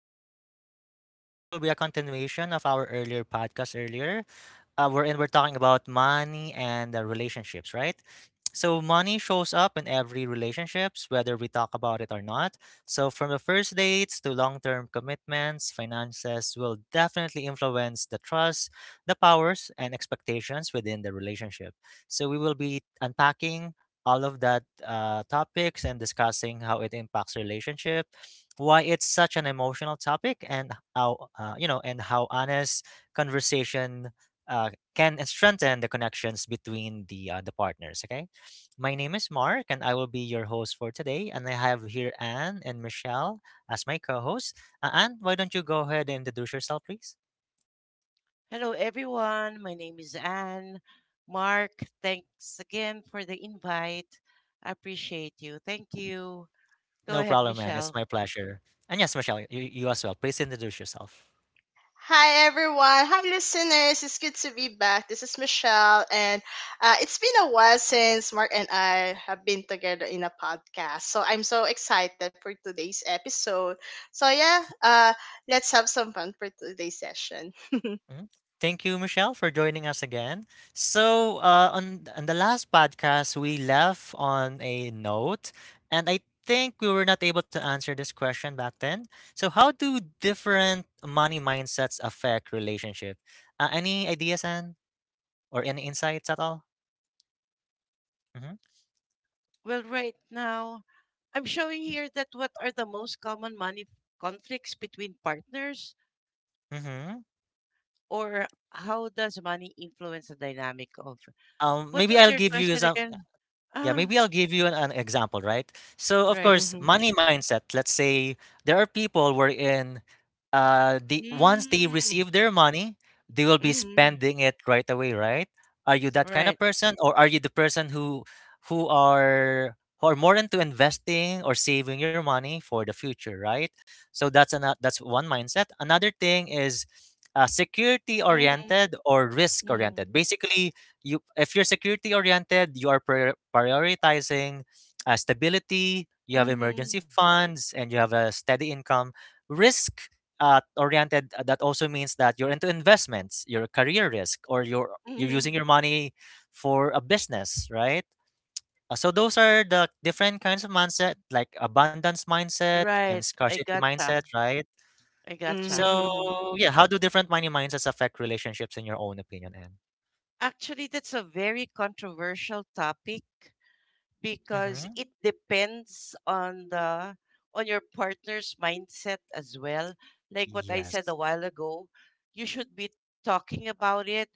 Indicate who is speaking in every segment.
Speaker 1: awesome podcast. And this will be a continuation of our earlier podcast earlier, wherein we're talking about money and relationships, right? So money shows up in every relationships, whether we talk about it or not. So from the first dates to long-term commitments, finances will definitely influence the trust, the powers, and expectations within the relationship. So we will be unpacking all of that topics and discussing how it impacts relationship, why it's such an emotional topic, and how and how honest conversation uh, can strengthen the connections between the partners. Okay, my name is Mark, and I will be your host for today. And I have here Anne and Michelle as my co-hosts. Anne, why don't you go ahead and introduce yourself, please?
Speaker 2: Hello, everyone. My name is Anne. Mark, thanks again for the invite. I appreciate you. Thank you. Go
Speaker 1: No
Speaker 2: ahead,
Speaker 1: problem, Anne. It's
Speaker 2: Michelle.
Speaker 1: my pleasure. And yes, Michelle, you as well. Please introduce yourself.
Speaker 3: Hi everyone. Hi listeners. It's good to be back. This is Michelle and it's been a while since Mark and I have been together in a podcast. So I'm so excited for today's episode. So yeah, let's have some fun for today's session.
Speaker 1: Mhm. Thank you, Michelle, for joining us again. So, on the last podcast, we left on a note, and I think we were not able to answer this question back then. So, how do different money mindsets affect relationship? Any ideas, Anne, or any insights at all? Mm-hmm.
Speaker 2: Right now, I'm showing here that what are the most common money conflicts between partners,
Speaker 1: Mm-hmm.
Speaker 2: or how does money influence the dynamic of? What
Speaker 1: Maybe
Speaker 2: was
Speaker 1: I'll
Speaker 2: your
Speaker 1: give you
Speaker 2: question
Speaker 1: some.
Speaker 2: again?
Speaker 1: Yeah,
Speaker 2: Ah,
Speaker 1: maybe I'll give you an example, right? So, of
Speaker 2: right.
Speaker 1: course,
Speaker 3: Mm-hmm.
Speaker 1: money mindset. Let's say there are people wherein the once they
Speaker 2: Mm,
Speaker 1: receive their money, they will be
Speaker 2: mm-hmm,
Speaker 1: spending it right away, right? Are you that kind of
Speaker 2: right.
Speaker 1: person, or are you the person who are more into investing or saving your money for the future, right? So that's one mindset. Another thing is security
Speaker 2: Mm-hmm,
Speaker 1: oriented or risk
Speaker 2: mm-hmm,
Speaker 1: oriented. Basically, you if you're security oriented, you are prioritizing stability, you have
Speaker 2: mm-hmm.
Speaker 1: emergency funds, and you have a steady income. Risk oriented, that also means that you're into investments, your career risk, or you're using
Speaker 2: Mm-hmm.
Speaker 1: your money for a business, right? So those are the different kinds of mindset, like abundance mindset and
Speaker 2: Right. I
Speaker 1: scarcity mindset,
Speaker 2: gotcha.
Speaker 1: right?
Speaker 2: I gotcha.
Speaker 3: Mm-hmm.
Speaker 1: So yeah, how do different money mindsets affect relationships in your own opinion, Anne?
Speaker 2: Actually, that's a very controversial topic because
Speaker 1: Mm-hmm.
Speaker 2: it depends on the on your partner's mindset as well. Like what I said
Speaker 1: Yes.
Speaker 2: a while ago, you should be talking about it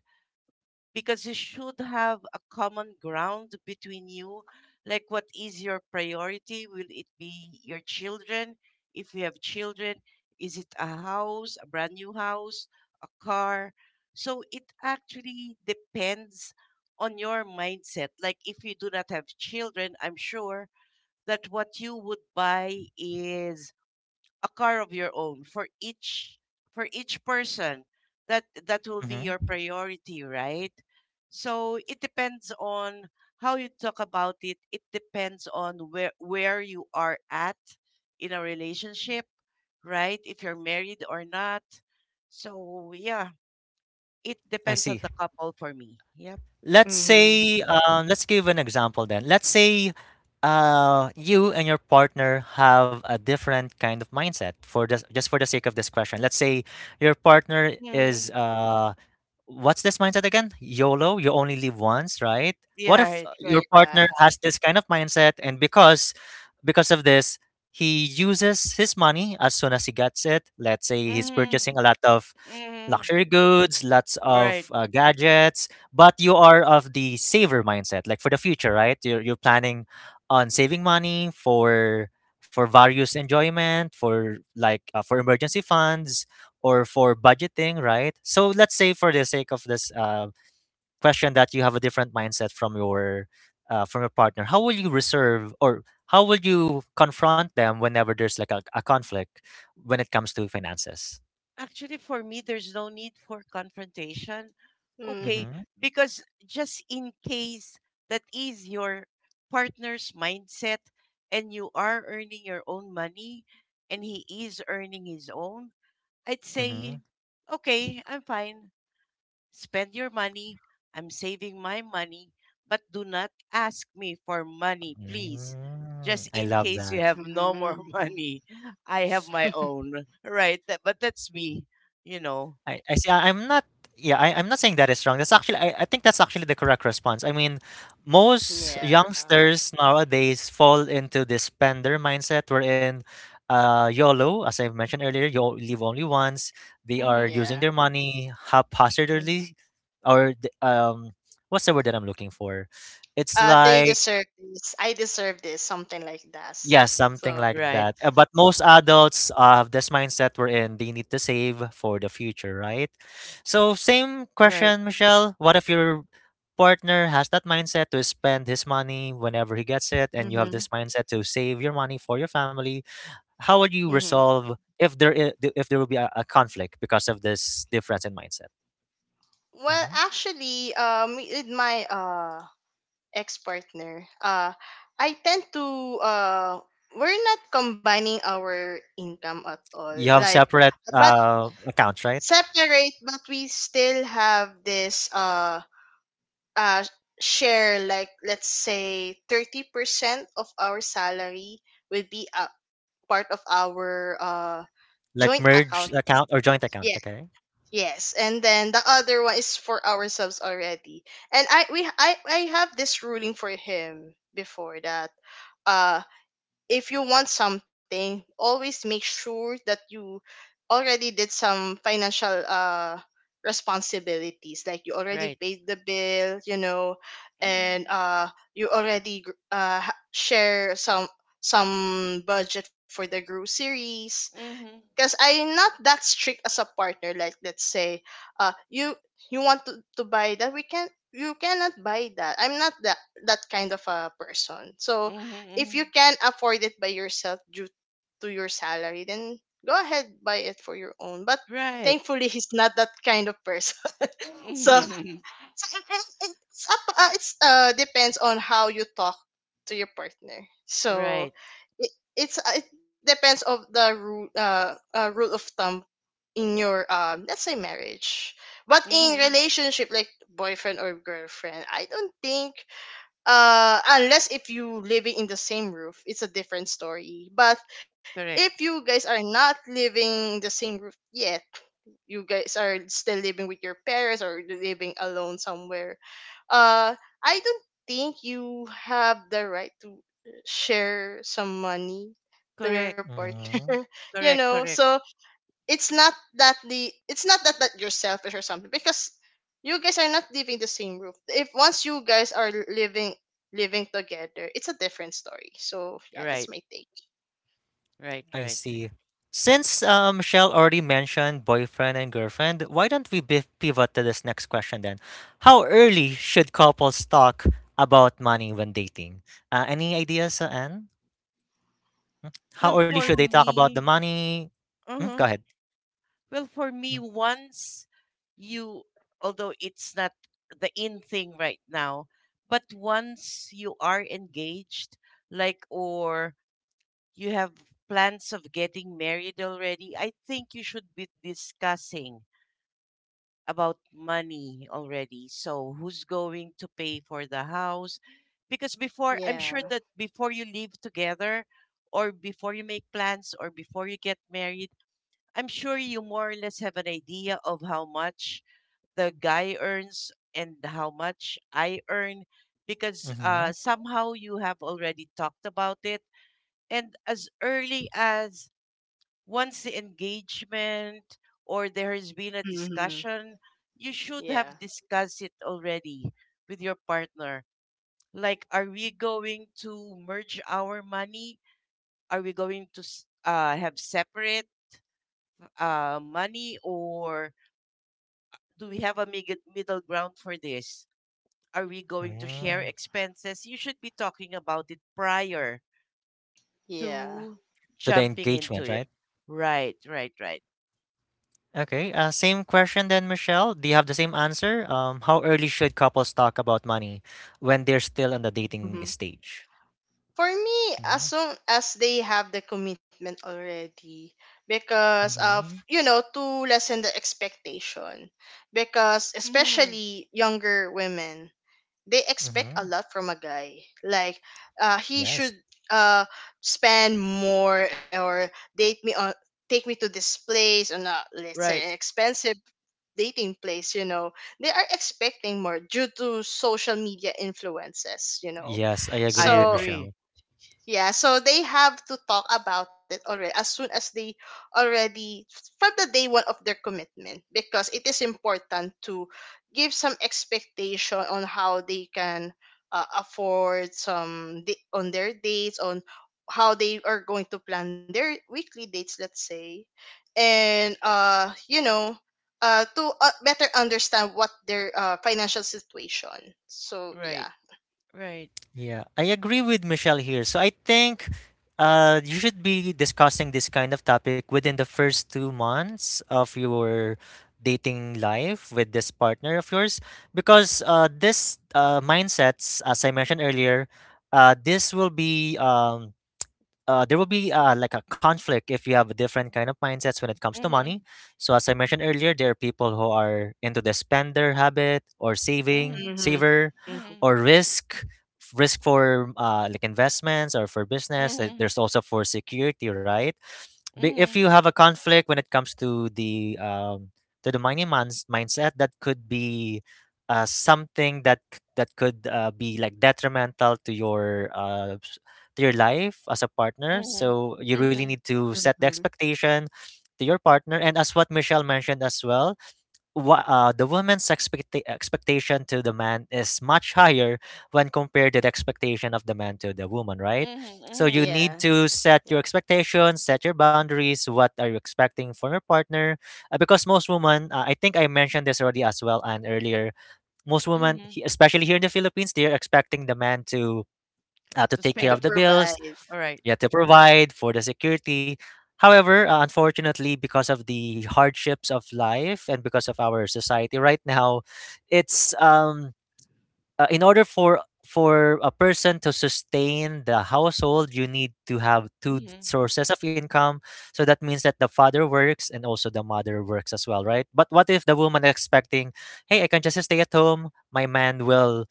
Speaker 2: because you should have a common ground between you. Like, what is your priority? Will it be your children? If you have children, is it a house, a brand new house, a car? So it actually depends on your mindset. Like, if you do not have children, I'm sure that what you would buy is a car of your own for each person that will be your
Speaker 1: Mm-hmm.
Speaker 2: priority, right? So it depends on how you talk about it. It depends on where you are at in a relationship, right? If you're married or not. So yeah, it
Speaker 1: I
Speaker 2: depends on
Speaker 1: see.
Speaker 2: the couple for me. Yep.
Speaker 1: Let's say,
Speaker 3: Mm-hmm.
Speaker 1: let's give an example then. Let's say you and your partner have a different kind of mindset for this, just for the sake of this question. Let's say your partner is
Speaker 2: Mm.
Speaker 1: what's this mindset again? YOLO, you only live once, right? What
Speaker 2: Yeah,
Speaker 1: if
Speaker 2: right,
Speaker 1: your
Speaker 2: right.
Speaker 1: partner
Speaker 3: Yeah.
Speaker 1: has this kind of mindset and because of this, he uses his money as soon as he gets it. Let's say he's
Speaker 2: Mm-hmm.
Speaker 1: purchasing a lot of
Speaker 2: Mm-hmm.
Speaker 1: luxury goods, lots of
Speaker 2: Right.
Speaker 1: gadgets, but you are of the saver mindset, like for the future, right? You're planning on saving money for various enjoyment, for like for emergency funds, or for budgeting, right? So let's say for the sake of this question that you have a different mindset from your partner. How will you reserve or how will you confront them whenever there's like a conflict when it comes to finances?
Speaker 2: Actually, for me, there's no need for confrontation.
Speaker 3: Mm-hmm.
Speaker 2: Okay,
Speaker 1: Mm-hmm.
Speaker 2: because just in case that is your partner's mindset and you are earning your own money and he is earning his own, I'd
Speaker 1: Mm-hmm.
Speaker 2: say, okay, I'm fine. Spend your money. I'm saving my money, but do not ask me for money, please.
Speaker 1: Mm,
Speaker 2: Just
Speaker 1: I
Speaker 2: in
Speaker 1: love
Speaker 2: case you
Speaker 1: that.
Speaker 2: have no more
Speaker 3: Mm-hmm.
Speaker 2: money, I have my own. Right. That, but that's me, you know.
Speaker 1: I see. I- I'm not. Yeah, I'm not saying that is wrong. That's actually, I think that's actually the correct response. I mean, most
Speaker 3: Yeah.
Speaker 1: youngsters nowadays fall into this spender mindset wherein YOLO, as I mentioned earlier, live only once. They are
Speaker 2: Mm-hmm.
Speaker 1: using
Speaker 3: Yeah.
Speaker 1: their money
Speaker 3: Mm-hmm.
Speaker 1: haphazardly, or the- um, what's the word that I'm looking for? It's
Speaker 3: They
Speaker 1: like
Speaker 3: deserve this. I deserve this. Something like that.
Speaker 1: yeah, something
Speaker 3: So.
Speaker 1: like
Speaker 2: Right.
Speaker 1: that. But most
Speaker 3: Yeah.
Speaker 1: adults have this mindset wherein they need to save for the future, right? So, same
Speaker 2: Right.
Speaker 1: question, Michelle. What if your partner has that mindset to spend his money whenever he gets it, and you have
Speaker 3: Mm-hmm.
Speaker 1: this mindset to save your money for your family? How would you
Speaker 3: Mm-hmm.
Speaker 1: resolve if there will be a conflict because of this difference in mindset?
Speaker 3: Well,
Speaker 1: Hmm.
Speaker 3: actually, with my ex-partner, I tend to uh, we're not combining our income at all.
Speaker 1: You have
Speaker 3: Like,
Speaker 1: separate
Speaker 3: but
Speaker 1: accounts, right?
Speaker 3: separate, but we still have this uh share. Like, let's say 30% of our salary will be a part of our joint
Speaker 1: Like
Speaker 3: account.
Speaker 1: merge account or joint account, okay?
Speaker 3: Yes, and then the other one is for ourselves already. And I we I have this ruling for him before that uh if you want something, always make sure that you already did some financial responsibilities, like you already
Speaker 2: Right.
Speaker 3: paid the bill, and
Speaker 2: Mm-hmm.
Speaker 3: you already share some budget for the groceries,
Speaker 2: Mm-hmm.
Speaker 3: because I'm not that strict as a partner. Like, let's say, uh, you you want to, to buy that, we can you cannot buy that. I'm not that kind of a person. So
Speaker 2: Mm-hmm.
Speaker 3: if
Speaker 2: Mm-hmm.
Speaker 3: you can afford it by yourself due to your salary, then go ahead, buy it for your own. But
Speaker 2: Right.
Speaker 3: thankfully, he's not that kind of person. So
Speaker 2: Mm-hmm.
Speaker 3: so, it- it- it's up it's depends on how you talk to your partner.
Speaker 2: Right.
Speaker 3: So it depends of the rule rule of thumb in your let's say marriage. But in
Speaker 2: Mm-hmm.
Speaker 3: relationship like boyfriend or girlfriend, I don't think, unless if you living in the same roof, it's a different story. But
Speaker 2: Correct.
Speaker 3: if you guys are not living in the same roof, yes, you guys are still living with your parents or living alone somewhere, uh I don't think you have the right to share some money to
Speaker 2: Correct.
Speaker 3: your partner,
Speaker 1: Mm-hmm.
Speaker 3: you
Speaker 2: Correct.
Speaker 3: know.
Speaker 2: Correct.
Speaker 3: So it's not that the it's not that that you're selfish or something, because you guys are not living the same roof. If once you guys are living, together, it's a different story. So yeah, that's
Speaker 2: Right.
Speaker 3: my take.
Speaker 2: Right.
Speaker 1: I
Speaker 2: Right.
Speaker 1: see. Since Michelle already mentioned boyfriend and girlfriend, why don't we pivot to this next question then? How early should couples talk about money when dating? Any ideas, Anne?
Speaker 2: Well,
Speaker 1: How early
Speaker 2: for
Speaker 1: should they talk about the
Speaker 2: me,
Speaker 1: money? Mm, go
Speaker 2: uh-huh.
Speaker 1: ahead.
Speaker 2: Well, for me,
Speaker 1: Hmm.
Speaker 2: once you, although it's not the in thing right now, but once you are engaged, like, or you have plans of getting married already, I think you should be discussing about money already. So, who's going to pay for the house? Because before, I'm
Speaker 3: Yeah.
Speaker 2: sure that before you live together, or before you make plans, or before you get married, I'm sure you more or less have an idea of how much the guy earns and how much I earn because
Speaker 1: Mm-hmm.
Speaker 2: somehow you have already talked about it. And as early as once the engagement or there has been a
Speaker 3: Hmm.
Speaker 2: discussion, you should
Speaker 3: Yeah.
Speaker 2: have discussed it already with your partner. Like, are we going to merge our money? Are we going to have separate money, or do we have a middle ground for this? Are we going to share
Speaker 1: Mm.
Speaker 2: expenses? You should be talking about it prior
Speaker 3: Yeah.
Speaker 2: to
Speaker 1: To the
Speaker 2: jumping
Speaker 1: engagement,
Speaker 2: into
Speaker 1: right?
Speaker 2: it. Right, right, right.
Speaker 1: Okay. Same question then, Michelle. Do you have the same answer? How early should couples talk about money when they're still on the dating stage?
Speaker 3: For me, as
Speaker 1: Mm-hmm.
Speaker 3: soon as they have the commitment already, because of
Speaker 1: Mm-hmm.
Speaker 3: to lessen the expectation, because
Speaker 2: Mm-hmm.
Speaker 3: especially younger women, they expect
Speaker 1: Mm-hmm.
Speaker 3: a lot from a guy. Like, he
Speaker 1: Yes.
Speaker 3: should uh spend more or date me on, take me to this place or, not let's say, an
Speaker 2: Right.
Speaker 3: expensive dating place, you know. They are expecting more due to social media influences, you know.
Speaker 1: Yes, I
Speaker 2: I
Speaker 1: agree with
Speaker 3: So
Speaker 2: agree.
Speaker 1: Michelle.
Speaker 3: yeah, so they have to talk about it already as soon as they already from the day one of their commitment, because it is important to give some expectation on how they can afford some on their dates, on how they are going to plan their weekly dates, let's say, and to better understand what their financial situation. So yeah.
Speaker 2: Right, right.
Speaker 1: Yeah, I agree with Michelle here. So I think you should be discussing this kind of topic within the first 2 months of your dating life with this partner of yours, because this mindsets, as I mentioned earlier, this will be there will be like a conflict if you have a different kind of mindsets when it comes to
Speaker 2: Mm-hmm.
Speaker 1: money. So as I mentioned earlier, there are people who are into the spender habit or
Speaker 2: Mm-hmm.
Speaker 3: Mhm.
Speaker 1: saver,
Speaker 3: Mhm.
Speaker 1: or risk for like investments or for business.
Speaker 2: Mm-hmm.
Speaker 1: There's also for security, right? If
Speaker 2: Mm-hmm.
Speaker 1: you have a conflict when it comes to the money mindset, that could be something that that could be like detrimental to your life as a partner.
Speaker 2: Mm-hmm.
Speaker 1: So you
Speaker 2: Mm-hmm.
Speaker 1: really
Speaker 2: Mm-hmm.
Speaker 1: need to set the
Speaker 3: Mhm.
Speaker 1: expectation to your partner. And as what Michelle mentioned as well, the woman's expectation to the man is much higher when compared to the expectation of the man to the woman, right? So you
Speaker 2: Mm-hmm.
Speaker 1: need
Speaker 3: Yeah.
Speaker 1: to set
Speaker 3: Yeah.
Speaker 1: your expectations, set your boundaries. What are you expecting from your partner? Because most women, I think I mentioned this already as well and earlier. Most women,
Speaker 2: Mm-hmm.
Speaker 1: especially here in the Philippines, they are expecting the man to
Speaker 2: To
Speaker 1: take care
Speaker 3: To
Speaker 1: of
Speaker 2: spend.
Speaker 1: the bills,
Speaker 3: provide.
Speaker 2: All right.
Speaker 1: you have to provide for the security. However, unfortunately, because of the hardships of life and because of our society right now, it's in order for a person to sustain the household you need to have two
Speaker 2: Mm-hmm.
Speaker 1: sources of income, so that means that the father works and also the mother works as well, right? But what if the woman expecting, hey, I can just stay at home, my man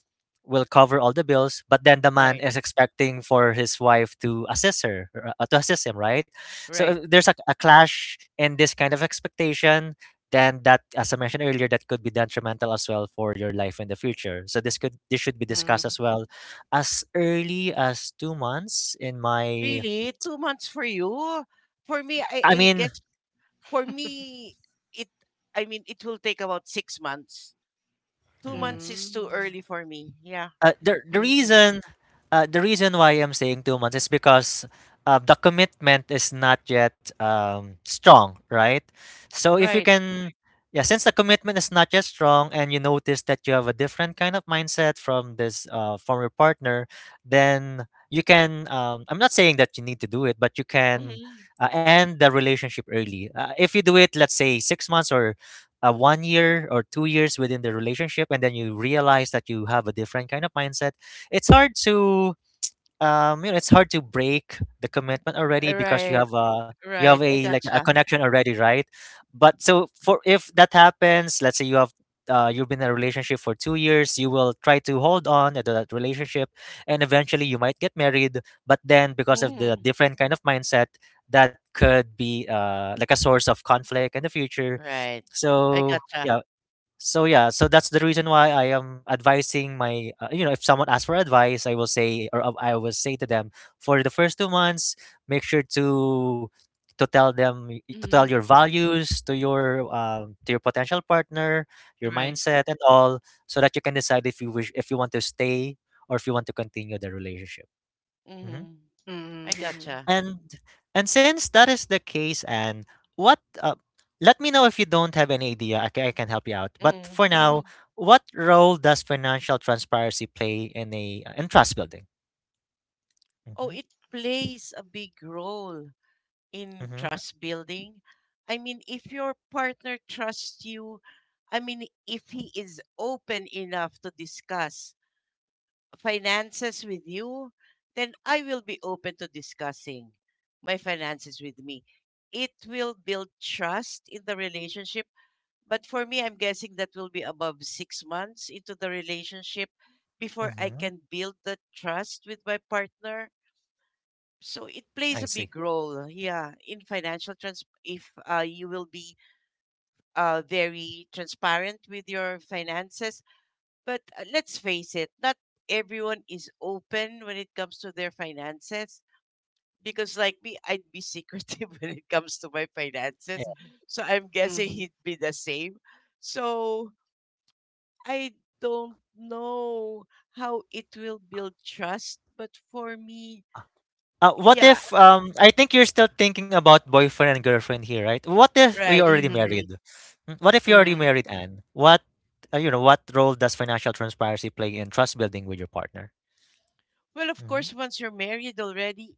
Speaker 1: will cover all the bills, but then the man
Speaker 2: Right,
Speaker 1: is expecting for his wife to assist her, to assist him, right? So
Speaker 2: right.
Speaker 1: there's a clash in this kind of expectation. Then that, as I mentioned earlier, that could be detrimental as well for your life in the future. So this should be discussed
Speaker 3: Mm.
Speaker 1: as well as early as 2 months in my
Speaker 2: Really? 2 months for you? For me, I,
Speaker 1: I
Speaker 2: I
Speaker 1: mean
Speaker 2: guess for me, it I mean it will take about 6 months. Two
Speaker 1: hmm,
Speaker 2: months is too
Speaker 3: Mm.
Speaker 2: early for me. Yeah.
Speaker 1: Uh, the the
Speaker 2: Be-
Speaker 3: Mhm.
Speaker 1: reason the reason why I'm saying 2 months is because the commitment is not yet strong, right? So if you
Speaker 2: Right.
Speaker 1: can, yeah, since the commitment is not yet strong, and you notice that you have a different kind of mindset from this from your partner, then you can. I'm not saying that you need to do it, but you can
Speaker 2: hmm
Speaker 1: end the relationship early. If you do it, let's say 6 months or 1 year or 2 years within the relationship and then you realize that you have a different kind of mindset, it's hard to it's hard to break the commitment already because
Speaker 2: Right.
Speaker 1: you have
Speaker 2: Right. I
Speaker 1: a like a
Speaker 2: gotcha.
Speaker 1: connection already, right? But so for if that happens, let's say you have you've been in a relationship for 2 years, you will try to hold on to that relationship, and eventually you might get married. But then because of the
Speaker 2: Hmm
Speaker 1: different kind of mindset, that could be like a source of conflict in the future.
Speaker 2: Right. I
Speaker 1: So
Speaker 2: gotcha.
Speaker 1: yeah, so yeah, so that's the reason why I am advising my, if someone asks for advice, I will say, or I will say to them, for the first 2 months, make sure to tell them to tell your
Speaker 2: Hmm
Speaker 1: values to your potential partner, your
Speaker 2: Right.
Speaker 1: mindset and all, so that you can decide if you wish if you want to stay or if you want to continue the relationship. Mm-hmm.
Speaker 2: hmm I
Speaker 3: Mhm.
Speaker 2: gotcha.
Speaker 1: And and since that is the case, and what let me know if you don't have any idea. I can help you out. But
Speaker 2: Hmm
Speaker 1: for
Speaker 2: hmm
Speaker 1: now, what role does financial transparency play in a in trust building?
Speaker 2: Oh,
Speaker 1: Mm-hmm,
Speaker 2: it plays a big role in
Speaker 1: mm-hmm,
Speaker 2: trust building. I mean, if your partner trusts you, I mean, if he is open enough to discuss finances with you, then I will be open to discussing my finances with me. It will build trust in the relationship. But for me, I'm guessing that will be above 6 months into the relationship before I
Speaker 1: mm-hmm.
Speaker 2: can build the trust with my partner. So it plays
Speaker 1: I
Speaker 2: a
Speaker 1: see.
Speaker 2: big role, yeah, in financial trans. If you will be very transparent with your finances, but let's face it, not everyone is open when it comes to their finances. Because, like me, I'd be secretive when it comes to my
Speaker 1: Yeah.
Speaker 2: finances.
Speaker 3: Mhm.
Speaker 2: So, I'm guessing
Speaker 3: Mhm.
Speaker 2: he'd be the same. So, I don't know how it will build trust. But for me,
Speaker 1: What
Speaker 2: yeah,
Speaker 1: if I think you're still thinking about boyfriend and girlfriend here, right? What if we
Speaker 2: right.
Speaker 1: already married? Mm, what if you're already
Speaker 3: Mhm.
Speaker 1: married, Anne? What what role does financial transparency play in trust building with your partner?
Speaker 2: Well, of
Speaker 1: Mm-hmm.
Speaker 2: course, once you're married already,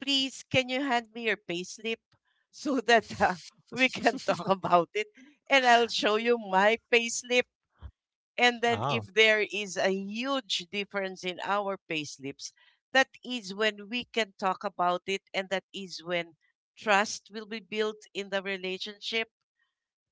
Speaker 2: please, can you hand me your payslip so that we can talk about it? And I'll show you my payslip. And then
Speaker 1: Oh.
Speaker 2: if there is a huge difference in our payslips, that is when we can talk about it and that is when trust will be built in the relationship,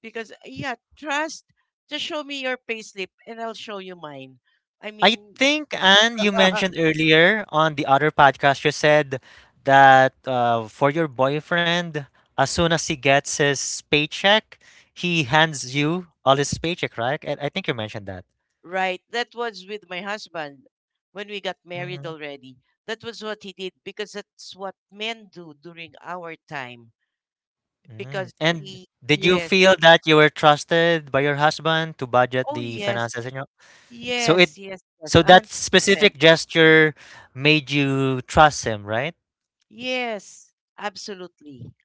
Speaker 2: because yeah, trust, just show me your payslip and I'll show you mine. I
Speaker 1: I
Speaker 2: mean,
Speaker 1: think, Anne, you mentioned earlier on the other podcast, you said that for your boyfriend, as soon as he gets his paycheck, he hands you all his paycheck, right? I think you mentioned that.
Speaker 2: right, that was with my husband when we got married
Speaker 1: Mhm.
Speaker 2: already. That was what he did because that's what men do during our time because
Speaker 1: Mm. And
Speaker 2: we
Speaker 1: did you
Speaker 2: yes.
Speaker 1: feel that you were trusted by your husband to budget
Speaker 2: Oh
Speaker 1: the
Speaker 2: yes.
Speaker 1: finances in your so it
Speaker 2: Yes, yes, yes,
Speaker 1: so that
Speaker 2: 100%.
Speaker 1: specific gesture made you trust him, right?
Speaker 2: Yes, absolutely.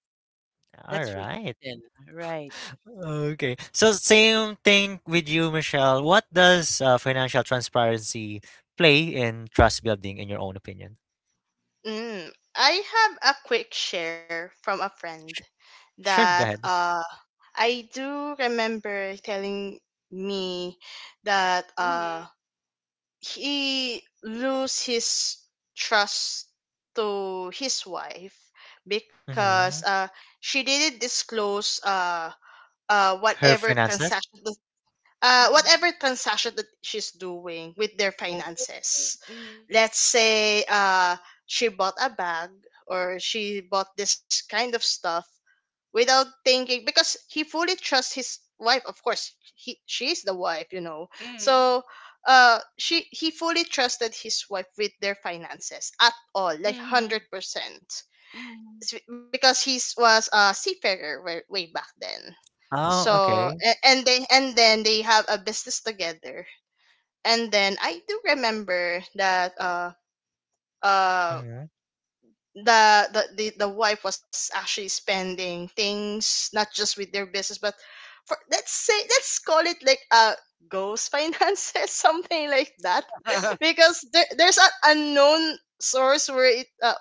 Speaker 1: All
Speaker 2: That's for
Speaker 1: right.
Speaker 2: certain, right?
Speaker 1: Okay. So same thing with you, Michelle. What does financial transparency play in trust building, in your own opinion?
Speaker 3: Mm. I have a quick share from a friend
Speaker 1: Sh- sure,
Speaker 3: that
Speaker 1: go ahead.
Speaker 3: I do remember telling me that
Speaker 2: Mhm,
Speaker 3: he lose his trust to his wife because
Speaker 1: Mm-hmm.
Speaker 3: she didn't disclose uh
Speaker 1: Her
Speaker 3: whatever
Speaker 1: finances.
Speaker 3: transaction
Speaker 2: mhm.
Speaker 3: whatever transaction that she's doing with their
Speaker 2: Oh.
Speaker 3: finances.
Speaker 2: Mhm,
Speaker 3: Let's say she bought a bag or she bought this kind of stuff without thinking, because he fully trusts his wife. Of course, he she is the wife, you know. So
Speaker 2: mhm,
Speaker 3: she he fully trusted his wife with their finances at all, like
Speaker 2: mhm,
Speaker 3: 100%.
Speaker 2: mhm, mhm,
Speaker 3: Because he was a seafarer way, way back then.
Speaker 1: Oh,
Speaker 3: So
Speaker 1: okay.
Speaker 3: and then they have a business together. And then I do remember that uh
Speaker 1: Mm-hmm.
Speaker 3: the wife was actually spending things, not just with their business, but for, let's say, let's call it like a ghost finances, something like that. Because there's an unknown source where it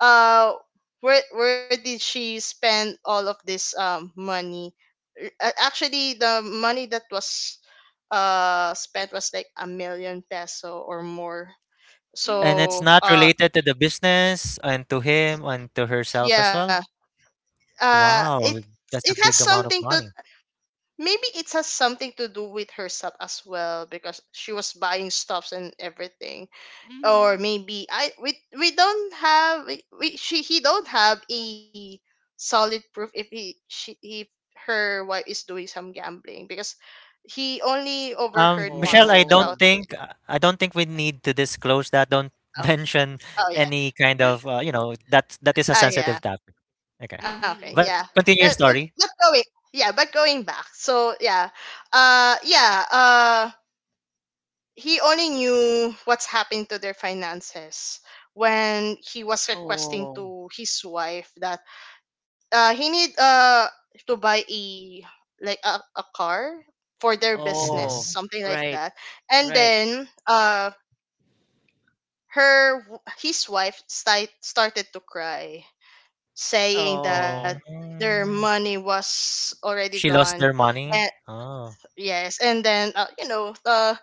Speaker 3: uh where did she spend all of this money. Actually, the money that was spent was like a million peso or more.
Speaker 1: And
Speaker 2: mhm,
Speaker 1: it's
Speaker 3: So
Speaker 1: not related to the business and to him and to herself as
Speaker 3: yeah
Speaker 1: well. Wow,
Speaker 3: it
Speaker 1: that's a
Speaker 3: has
Speaker 1: big amount of
Speaker 3: something to,
Speaker 1: money.
Speaker 3: maybe it has something to do with herself as well, because she was buying stuffs and everything. Or maybe I we don't have we she he don't have a solid proof if he she, if her wife is doing some gambling, because he only overheard
Speaker 1: Michelle,
Speaker 3: once about.
Speaker 2: Oh,
Speaker 1: I don't think we need to disclose that. Don't
Speaker 3: Oh.
Speaker 1: mention
Speaker 3: Oh yeah.
Speaker 1: any kind of that that is a
Speaker 3: Ah yeah.
Speaker 1: sensitive topic. Okay,
Speaker 3: Okay.
Speaker 2: mhm,
Speaker 3: Yeah.
Speaker 1: but
Speaker 2: mhm.
Speaker 1: continue
Speaker 3: but,
Speaker 1: your story.
Speaker 3: but going Yeah, but going back, so yeah, uh yeah uh he only knew what's happened to their finances when he was requesting
Speaker 2: Oh,
Speaker 3: to his wife that he need to buy a a car for their business,
Speaker 2: oh,
Speaker 1: Mhm.
Speaker 3: something like
Speaker 2: right,
Speaker 3: that. And
Speaker 2: right.
Speaker 3: then his wife started to cry, saying that
Speaker 2: Oh,
Speaker 3: their
Speaker 1: Mm.
Speaker 3: money was already
Speaker 1: She
Speaker 3: gone.
Speaker 1: lost their
Speaker 3: And
Speaker 1: money. Oh,
Speaker 3: yes, and then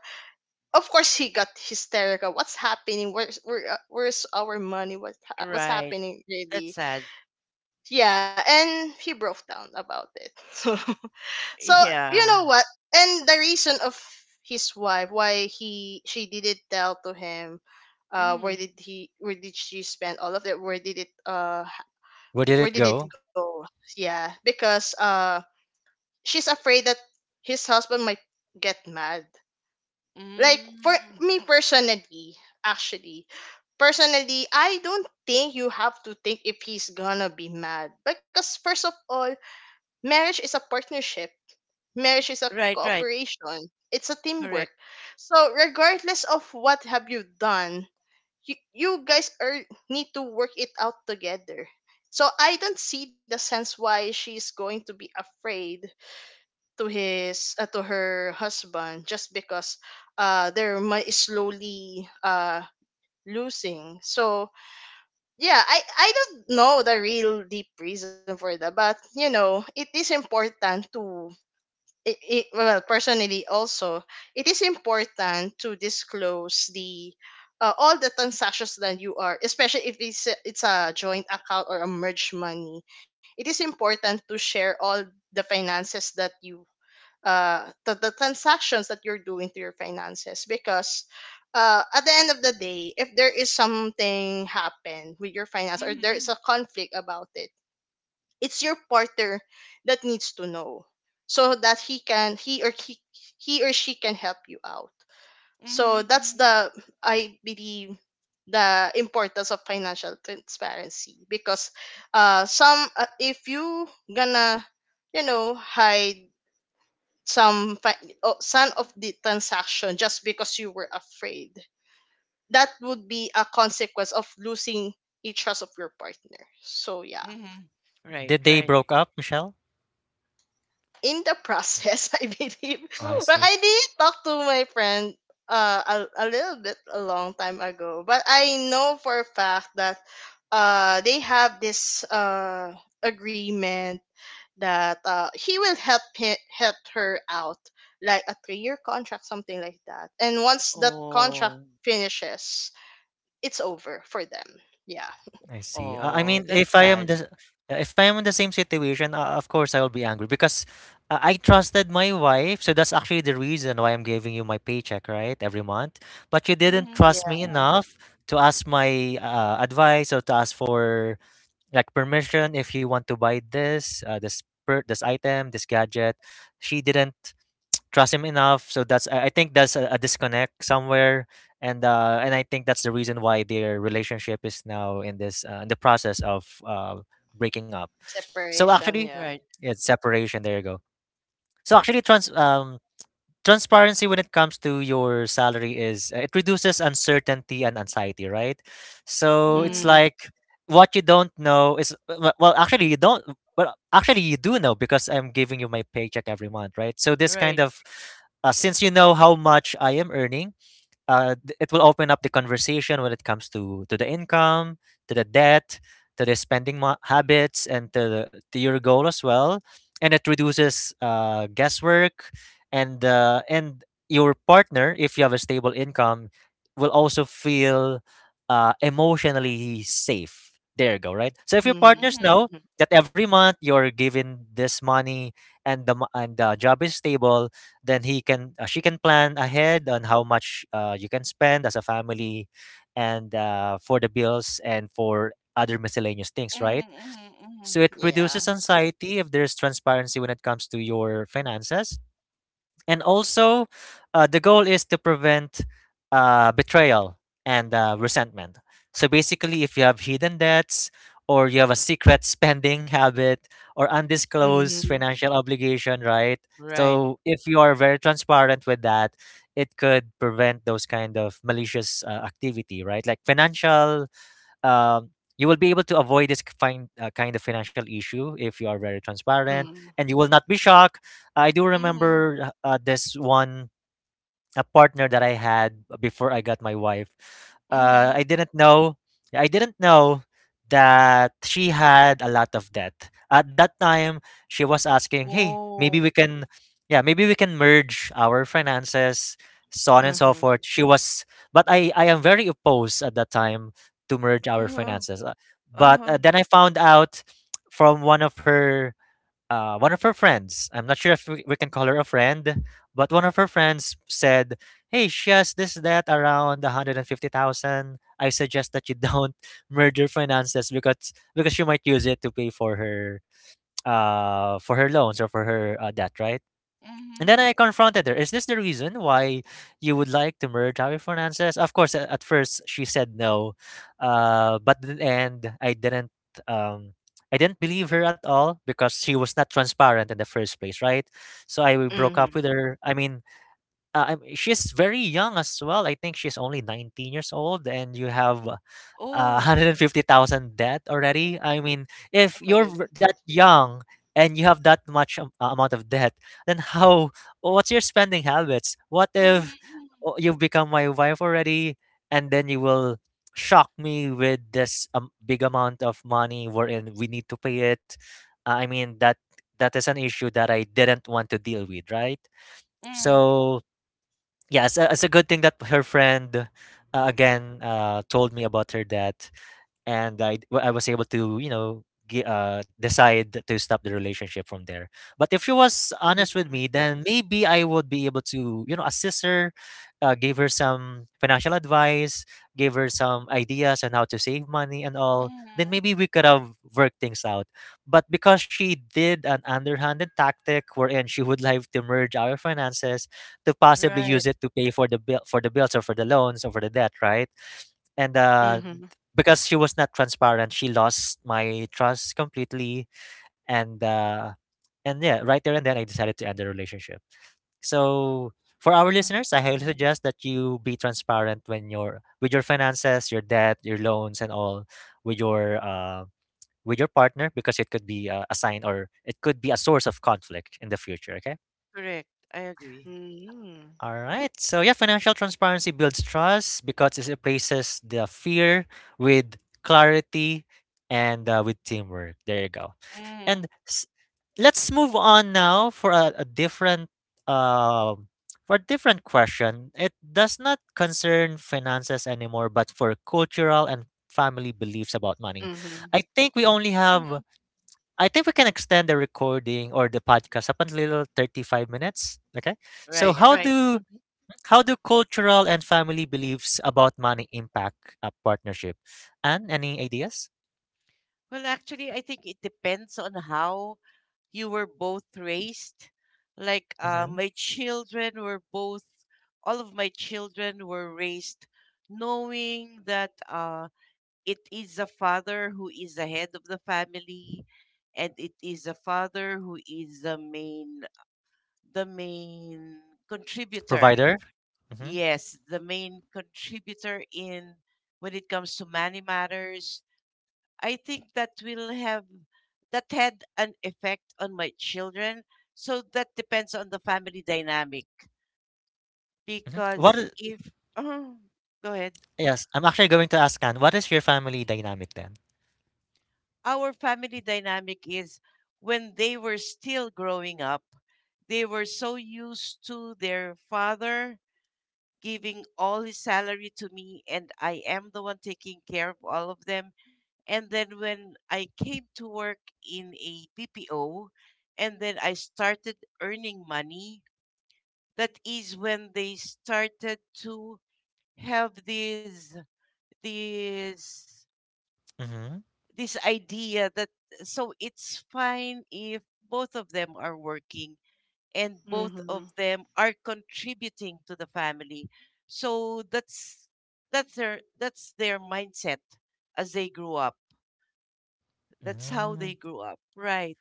Speaker 3: of course, he got hysterical. What's happening, where's where, where's our money, what's
Speaker 2: right.
Speaker 3: happening,
Speaker 2: That's
Speaker 3: really?
Speaker 2: sad.
Speaker 3: Yeah, and he broke down about it. So you know
Speaker 2: Yeah,
Speaker 3: what? And the reason of his wife, why he she didn't tell to him,
Speaker 2: mhm,
Speaker 3: where did she spend all of that? Where did it
Speaker 1: where did it
Speaker 3: where did
Speaker 1: go?
Speaker 3: it go? Yeah, because she's afraid that his husband might get mad. Like, for
Speaker 2: mhm,
Speaker 3: me personally, actually, personally, I don't think you have to think if he's gonna be mad, because first of all, marriage is a partnership, marriage is a
Speaker 2: right, right.
Speaker 3: cooperation, it's a teamwork.
Speaker 2: Correct.
Speaker 3: So regardless of what have you done, you guys are need to work it out together. So I don't see the sense why she's going to be afraid to his, to her husband, just because their money is slowly losing. So yeah, I don't know the real deep reason for that, but you know, it is important to, well, personally also, it is important to disclose the, all the transactions that you are, especially if it's a joint account or a merged money. It is important to share all the finances that you, the transactions that you're doing to your finances, because at the end of the day, if there is something happen with your finance or there is
Speaker 2: Mhm,
Speaker 3: a conflict about it, it's your partner that needs to know so that he or she can help you out. So
Speaker 2: mhm,
Speaker 3: that's
Speaker 2: mhm.
Speaker 3: the, I believe, the importance of financial transparency, because some if you gonna hide some fi- oh, some of the transaction, just because you were afraid, that would be a consequence of losing a trust of your partner. So yeah.
Speaker 2: Mhm. Right,
Speaker 1: Did they
Speaker 2: right.
Speaker 1: broke up, Michelle?
Speaker 3: In the process, I believe,
Speaker 1: Oh, I
Speaker 3: but
Speaker 1: see.
Speaker 3: I did talk to my friend uh, a little bit a long time ago. But I know for a fact that they have this agreement that he will help her out, like a 3-year contract, something like that. And once that contract
Speaker 2: Oh,
Speaker 3: finishes, it's over for them. Yeah.
Speaker 1: I see. I
Speaker 2: oh,
Speaker 1: mean,
Speaker 2: that's sad.
Speaker 1: if I am in the same situation, of course I will be angry because I trusted my wife. So that's actually the reason why I'm giving you my paycheck, right, every month. But you didn't
Speaker 3: Yeah,
Speaker 1: trust
Speaker 2: Mhm.
Speaker 1: me enough to ask my advice or to ask for like permission if you want to buy this, this item, this gadget. She didn't trust him enough. So that's, I think that's a disconnect somewhere, and I think that's the reason why their relationship is now in this in the process of breaking up. So
Speaker 3: separation.
Speaker 1: actually,
Speaker 3: Yeah.
Speaker 2: Right.
Speaker 1: yeah, separation. There you go. So actually, transparency when it comes to your salary is it reduces uncertainty and anxiety, right? So it's
Speaker 3: Mm-hmm.
Speaker 2: Mhm.
Speaker 1: like what you don't know is w- well actually you don't well actually you do know because I'm giving you my paycheck every month, right? So this kind
Speaker 2: Right.
Speaker 1: of since you know how much I am earning it will open up the conversation when it comes to the income, to the debt, to the habits, and to the, to your goal as well. And it reduces guesswork, and your partner, if you have a stable income, will also feel emotionally safe. There you go, right? So if your
Speaker 3: Mm-hmm.
Speaker 1: partners know
Speaker 2: Mhm.
Speaker 3: Mm-hmm.
Speaker 1: that every month you're given this money and the and the job is stable, then he can she can plan ahead on how much you can spend as a family, and for the bills and for other miscellaneous things, right?
Speaker 2: Mhm. Mhm.
Speaker 1: So
Speaker 2: Mhm.
Speaker 1: it
Speaker 3: Yeah.
Speaker 1: reduces anxiety if there's transparency when it comes to your finances and also the goal is to prevent betrayal and resentment. So basically, if you have hidden debts or you have a secret spending habit or undisclosed
Speaker 3: Mm-hmm.
Speaker 1: financial obligation, right?
Speaker 2: Right.
Speaker 1: So if you are very transparent with that, it could prevent those kind of malicious activity, right? Like financial um, you will be able to avoid this kind of financial issue if you are very transparent
Speaker 3: Mm-hmm.
Speaker 1: and you will not be
Speaker 3: Mhm.
Speaker 1: shocked. I do
Speaker 2: Mhm.
Speaker 1: remember this one a partner that I had before I got my wife. I
Speaker 2: Mhm.
Speaker 1: didn't know. I didn't know that she had a lot of debt. At that time, she was asking, "Hey, maybe we
Speaker 2: Oh.
Speaker 1: can, yeah, maybe we can merge our finances, so on and so
Speaker 3: Mhm.
Speaker 1: forth." She was, but I am very opposed at that time to merge our
Speaker 2: Uh-huh.
Speaker 1: finances. But
Speaker 2: Uh-huh.
Speaker 1: then I found out from one of her friends, I'm not sure if we can call her a friend, but one of her friends said, "Hey, she has this debt around 150,000. I suggest that you don't merge your finances because she might use it to pay for her loans or for her debt," right? And then
Speaker 2: Mhm.
Speaker 1: I confronted her. Is this the reason why you would like to merge our finances? Of course, at first she said no, but in the end I didn't. Um, I didn't believe her at all because she was not transparent in the first place, right? So I broke up
Speaker 3: Mhm.
Speaker 1: with her. I mean, she's very young as well. I think she's only 19 years old, and you have
Speaker 2: Oh.
Speaker 1: 150,000 debt already. I mean,
Speaker 3: Oh
Speaker 1: if
Speaker 3: my
Speaker 1: you're
Speaker 3: goodness.
Speaker 1: that young and you have that much amount of debt, then how, what's your spending habits? What
Speaker 2: Mhm.
Speaker 1: if
Speaker 2: Mhm.
Speaker 1: you become my wife already and then you will shock me with this big amount of money wherein we need to pay it? I mean, that is an issue that I didn't want to deal with, right?
Speaker 2: Mhm.
Speaker 1: So, yeah, it's it's a good thing that her friend again told me about her dad and I was able to you know decide to stop the relationship from there. But if she was honest with
Speaker 3: Mhm.
Speaker 1: me, then maybe I would be able to you know assist her, give her some financial advice, give her some ideas on how to save money and all. Then
Speaker 2: Mhm.
Speaker 1: maybe we could have worked things out. But because she did an underhanded tactic wherein she would like to merge our finances to possibly use
Speaker 2: Right.
Speaker 1: it to pay for the bills or for the loans or for the debt, right? and
Speaker 3: Mhm.
Speaker 1: because she was not transparent, she lost my trust completely. And uh and yeah, right there and then I decided to end the relationship. So for our
Speaker 2: Mhm.
Speaker 1: listeners, I highly suggest that you be transparent when you're with your finances, your debt, your loans, and all with your uh with your partner, because it could be a sign or it could be a source of conflict in the future, okay?
Speaker 2: Correct. I agree.
Speaker 3: Mhm.
Speaker 1: All right. So yeah, financial transparency builds trust because it replaces the fear with clarity and with teamwork. There you go. And
Speaker 2: Mhm.
Speaker 1: s- let's move on now for a different um for a different question. It does not concern finances anymore, but for cultural and family beliefs about money.
Speaker 3: Mhm.
Speaker 1: I think we only have.
Speaker 2: Mhm.
Speaker 1: I think we can extend the recording or the podcast up until 35 minutes. Okay. So
Speaker 2: Right,
Speaker 3: Yeah.
Speaker 2: right.
Speaker 3: Mhm.
Speaker 1: how do cultural and family beliefs about money impact a partnership? And any ideas?
Speaker 2: Well, actually, I think it depends on how you were both raised. Like
Speaker 1: Hmm.
Speaker 2: my children were both, all of my children were raised knowing that it is the father who is the head of the family and it is the father who is the main contributor.
Speaker 1: Provider? Mm-hmm.
Speaker 2: Yes, the main contributor in when it comes to money matters. I think that will have that had an effect on my children. So that depends on the family dynamic
Speaker 1: Hmm.
Speaker 2: because if uh, go ahead,
Speaker 1: Yes, I'm actually going to ask Anne. What is your family dynamic then?
Speaker 2: our family dynamic is when they were still growing up, they were so used to their father giving all his salary to me and I am the one taking care of all of them. And then when I came to work in a BPO and then I started earning money, that is when they started to have this
Speaker 1: Mm-hmm.
Speaker 2: this idea that so it's fine if both of them are working and both of
Speaker 3: Mhm.
Speaker 2: them are contributing to the family. So that's their mindset as they grew up. That's how they
Speaker 1: Mm.
Speaker 2: grew up, right?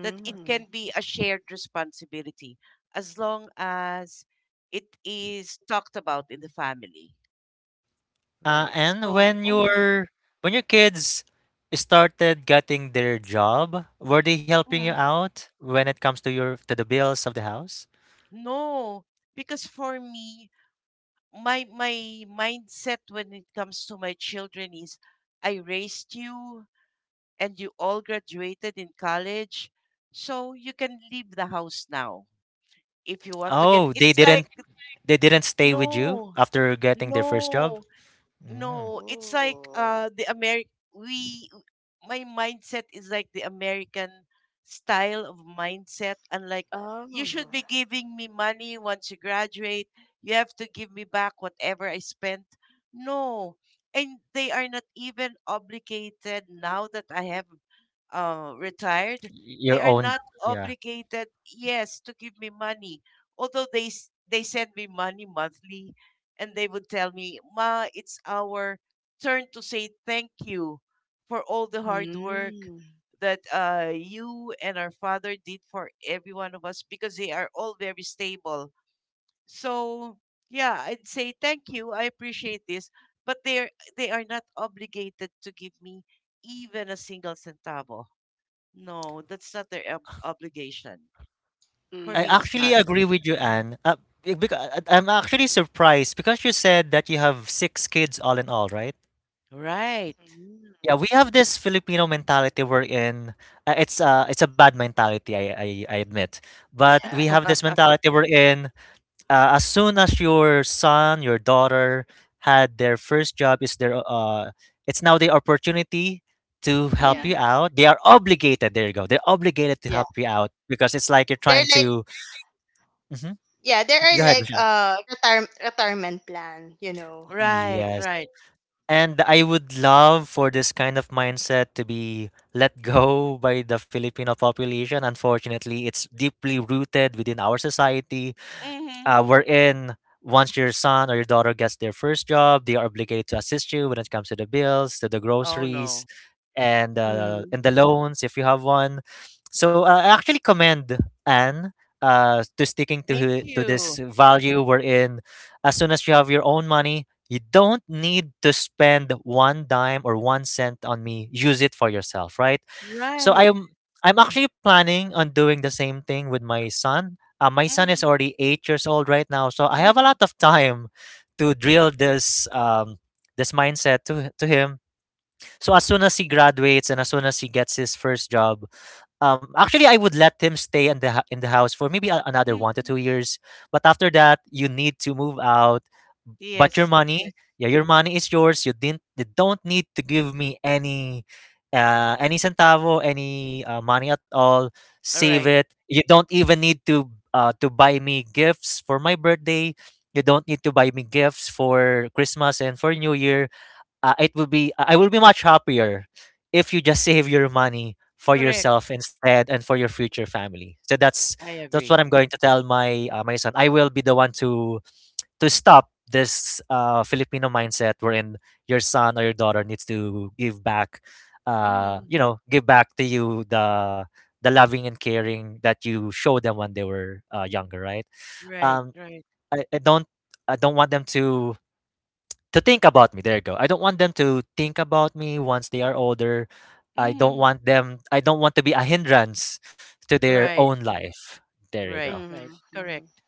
Speaker 2: That it can be a shared responsibility as long as it is talked about in the family, right?
Speaker 1: And
Speaker 2: So,
Speaker 1: when
Speaker 2: mm,
Speaker 1: your When your kids started getting their job, were they helping you
Speaker 2: mm,
Speaker 1: out when it comes to your to the bills of the house?
Speaker 2: no, because for me, my mindset when it comes to my children is I raised you and you all graduated in college, so you can leave the house now if you want to get.
Speaker 1: Oh,
Speaker 2: It's like
Speaker 1: they didn't stay with you
Speaker 2: no,
Speaker 1: after getting their first job?
Speaker 2: no.
Speaker 1: Mm.
Speaker 2: No, it's like
Speaker 3: Oh.
Speaker 2: the Ameri we my mindset is like the American style of mindset and like you
Speaker 3: Oh.
Speaker 2: should be giving me money once you graduate. You have to give me back whatever I spent. No. And they are not even obligated now that I have retired,
Speaker 1: Your
Speaker 2: they are
Speaker 1: own,
Speaker 2: not
Speaker 1: yeah.
Speaker 2: obligated, yes, to give me money. Although they they send me money monthly, and they would tell me, "Ma, it's our turn to say thank you for all the hard work
Speaker 3: Mm.
Speaker 2: that you and our father did for every one of us," because they are all very stable. So yeah, I'd say thank you. I appreciate this, but they are not obligated to give me even a single centavo. No, that's not their obligation. For
Speaker 1: I
Speaker 2: me,
Speaker 3: Mhm.
Speaker 2: it's
Speaker 1: actually
Speaker 2: not.
Speaker 1: agree with you,
Speaker 2: Mhm.
Speaker 1: Anne. Because I'm actually surprised because you said that you have six kids all in all, right?
Speaker 2: Right.
Speaker 3: Mm.
Speaker 1: Yeah, we have this Filipino mentality we're in. It's a bad mentality, I admit. But
Speaker 3: Yeah.
Speaker 1: we have this mentality we're in. As soon as your son, your daughter had their first job, is their it's now the opportunity to help
Speaker 3: Yeah.
Speaker 1: you
Speaker 2: hmm
Speaker 1: out. They are obligated. There you go. They're obligated
Speaker 3: Yeah.
Speaker 1: to help you out because it's like you're
Speaker 3: They're
Speaker 1: trying
Speaker 3: like,
Speaker 1: to. Mhm.
Speaker 3: yeah, there are
Speaker 1: Go ahead.
Speaker 3: like retirement plan, you know.
Speaker 2: Right,
Speaker 1: Yes.
Speaker 2: right.
Speaker 1: And I would love for this kind of mindset to be let go by the Filipino population. Unfortunately, it's deeply rooted within our society
Speaker 2: hmm
Speaker 1: wherein once your son or your daughter gets their first job, they are obligated to assist you when it comes to the bills, to the
Speaker 2: Oh,
Speaker 1: groceries,
Speaker 2: no.
Speaker 3: Mm.
Speaker 1: and the loans if you have one. So I actually commend Anne to sticking to
Speaker 2: Thank
Speaker 1: hi- to this
Speaker 2: you.
Speaker 1: value wherein as soon as you have your own money, you don't need to spend one dime or 1 cent on me. Use it for yourself, right? So
Speaker 2: Right.
Speaker 1: I'm actually planning on doing the same thing with my son. My son is
Speaker 2: hmm
Speaker 1: already 8 years old right now, so I have a
Speaker 2: hmm
Speaker 1: lot of time to drill this this mindset to him. So as soon as he graduates and as soon as he gets his first job, actually, I would let him stay in the in the house for maybe another one
Speaker 2: hmm
Speaker 1: to two years. But after that, you need to move out. But your
Speaker 2: Yes, yes.
Speaker 1: money, yeah, your money is yours. You don't need to give me any centavo, any money at all.
Speaker 2: All
Speaker 1: Save
Speaker 2: right.
Speaker 1: it. You don't even need to buy me gifts for my birthday. You don't need to buy me gifts for Christmas and for New Year. It will be I will be much happier if you just save your money for
Speaker 2: Correct.
Speaker 1: yourself instead and for your future family. So that's
Speaker 2: I
Speaker 1: what
Speaker 2: agree.
Speaker 1: I'm going to tell my my son. I will be the one to stop this Filipino mindset wherein your son or your daughter needs to give back,
Speaker 2: Hmm
Speaker 1: give back to you the loving and caring that you showed them when they were younger, right?
Speaker 2: Right,
Speaker 1: Um,
Speaker 2: right.
Speaker 1: I don't want them to think about me, there you go. I don't want them to think about me once they are older.
Speaker 2: hmm
Speaker 1: I don't want to be a hindrance to their
Speaker 2: Right,
Speaker 1: own life. There you
Speaker 2: right,
Speaker 1: go.
Speaker 2: right.
Speaker 3: Mhm.
Speaker 2: Correct.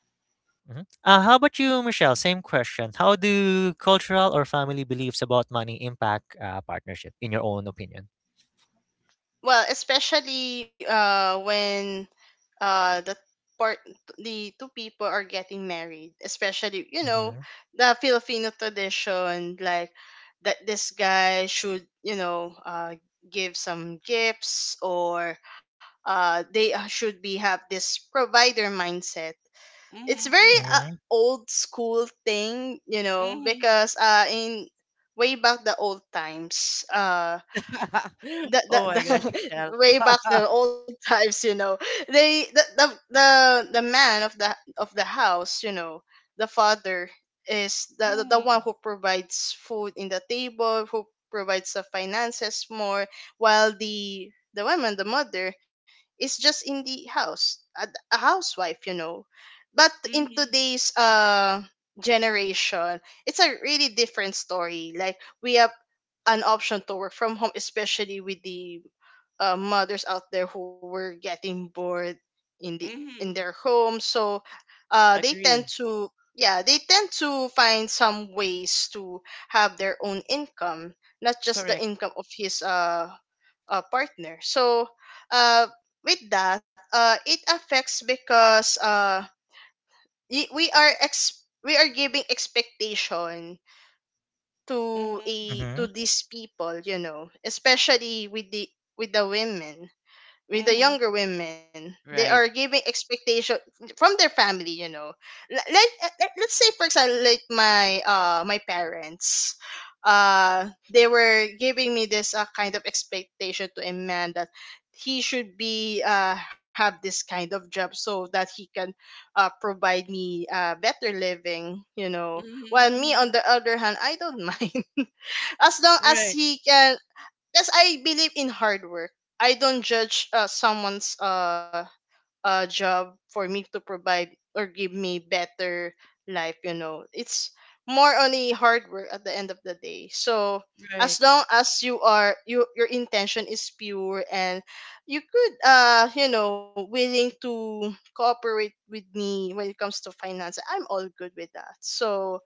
Speaker 1: Mhm. How about you, Michelle? Same question. How do cultural or family beliefs about money impact partnership, in your own opinion?
Speaker 3: Well, especially when uh the part the two people are getting married, especially, you know,
Speaker 1: Mm-hmm.
Speaker 3: the Filipino tradition, like that this guy should, you know, give some gifts or they should be have this provider mindset. It's
Speaker 2: Hmm
Speaker 3: very
Speaker 2: hmm
Speaker 1: Mm-hmm.
Speaker 3: old school thing, you know,
Speaker 2: hmm
Speaker 3: because in way back the old times,
Speaker 2: Oh my gosh,
Speaker 3: the
Speaker 2: Michelle.
Speaker 3: way back the old times, you know, they, the man of the house, you know, the father is the
Speaker 2: hmm
Speaker 3: one who provides food in the table, who provides the finances more, while the woman, the mother is just in the house, a housewife, you know. But in
Speaker 2: hmm
Speaker 3: today's generation, it's a really different story. Like, we have an option to work from home, especially with the mothers out there who were getting bored in the in their
Speaker 2: hmm
Speaker 3: home. So, they tend
Speaker 2: Agree.
Speaker 3: to yeah, they tend to find some ways to have their own income, not just the
Speaker 2: Correct.
Speaker 3: income of his, partner. So, uh, with that, it affects, because we are ex we are giving expectation to
Speaker 2: Mhm.
Speaker 3: a
Speaker 1: Mm-hmm.
Speaker 3: to these people, you know, especially with the, with the women, with the
Speaker 2: Mhm.
Speaker 3: younger women, they are
Speaker 2: Right.
Speaker 3: giving expectation from their family, you know. let, let, let's say, for example, like my my parents, they were giving me this kind of expectation to a man that he should be have this kind of job so that he can provide me better living, you know,
Speaker 2: Mhm.
Speaker 3: while me,
Speaker 2: Mhm.
Speaker 3: on the other hand, I don't mind as long as
Speaker 2: Right.
Speaker 3: he can. Yes, I believe in hard work. I don't judge someone's, job for me to provide or give me better life, you know. It's more on the hard work at the end of the day. So as
Speaker 2: Right.
Speaker 3: long as you are, your intention is pure, and you could, willing to cooperate with me when it comes to finance, I'm all good with that. So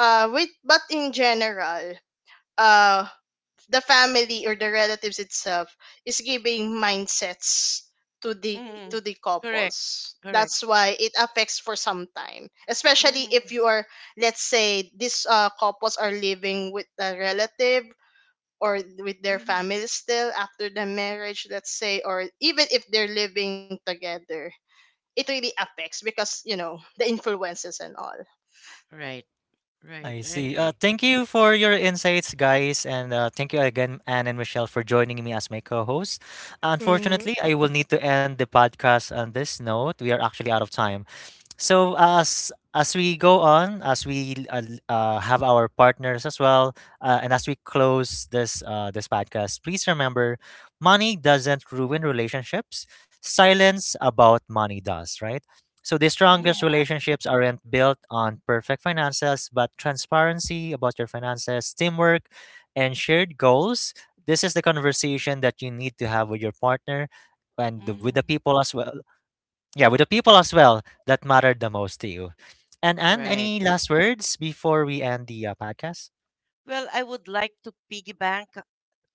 Speaker 3: with but in general, uh the family or the relatives itself is giving mindsets to the
Speaker 2: Mhm. Correct.
Speaker 3: couples, that's
Speaker 2: Correct.
Speaker 3: why it affects for some time, especially if you
Speaker 2: Mhm.
Speaker 3: are, let's say, these couples are living with a relative or with their
Speaker 2: Mhm.
Speaker 3: family still after the marriage, let's say, or even if they're living together, it really affects, because you know the influences and all.
Speaker 2: Right. Right.
Speaker 1: I
Speaker 2: I
Speaker 1: see.
Speaker 2: agree.
Speaker 1: Thank you for your insights, guys, and thank you again, Anne and Michelle, for joining me as my co-host.
Speaker 3: Hmm.
Speaker 1: Unfortunately, I will need to end the podcast on this note. We are actually out of time, so as we go on as we l- have our partners as well, and as we close this this podcast, please remember: money doesn't ruin relationships, silence about money does, right? So the strongest
Speaker 2: Mhm.
Speaker 3: Yeah.
Speaker 1: relationships aren't built on perfect finances but transparency about your finances, teamwork, and shared goals. This is the conversation that you need to have with your partner and with the
Speaker 2: Mhm.
Speaker 1: people as well. Yeah, with the people as well that mattered the most to you. And
Speaker 2: All
Speaker 1: Anne,
Speaker 2: right.
Speaker 1: any last words before we end the podcast?
Speaker 2: Well, I would like to piggyback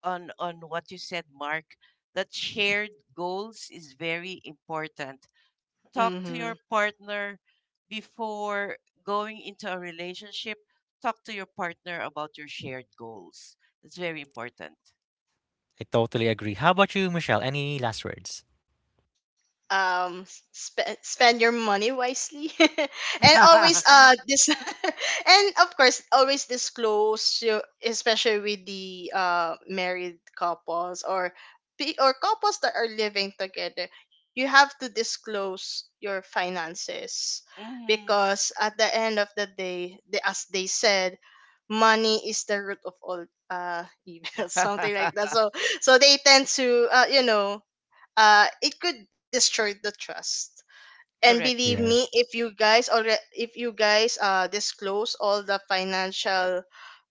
Speaker 2: on what you said, Mark. That shared goals is very important. Talk to your
Speaker 3: Hmm.
Speaker 2: partner before going into a relationship. Talk to your partner about your shared goals. It's very important.
Speaker 1: I totally agree. How about you, Michelle? Any last words?
Speaker 3: um Spend your money wisely and always this, and of course, always disclose your, especially with the married couples or or couples that are living together, you have to disclose your finances,
Speaker 2: Mm-hmm.
Speaker 3: because at the end of the day, as they said, money is the root of all evil, something like that. So so they tend to, you know, it could destroy the trust. And
Speaker 2: Correct.
Speaker 3: believe me,
Speaker 1: Yes,
Speaker 3: if you guys already, if you guys disclose all the financial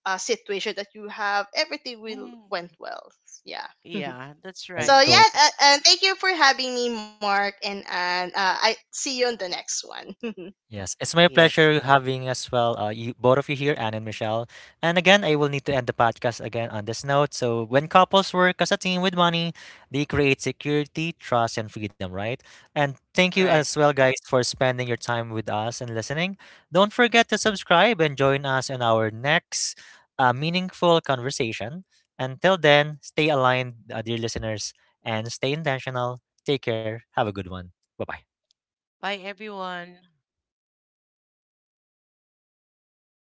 Speaker 3: situation that you have, everything will
Speaker 2: Mm-hmm.
Speaker 3: went well. Yeah.
Speaker 2: Yeah, that's
Speaker 1: I
Speaker 3: So
Speaker 2: right.
Speaker 3: yeah,
Speaker 1: totally.
Speaker 3: and thank you for having me, Mark and Anne. I see you on the next one.
Speaker 1: Yes, it's my
Speaker 2: Yes.
Speaker 1: pleasure having as well both of you here, Anne and Michelle. And again, I will need to end the podcast again on this note. So, when couples work as a team with money, they create security, trust, and freedom, right? And thank you
Speaker 2: Right.
Speaker 1: as well, guys, for spending your time with us and listening. Don't forget to subscribe and join us in our next meaningful conversation. Until then, stay aligned, dear listeners, and stay intentional. Take care. Have a good one. Bye bye.
Speaker 2: Bye, everyone.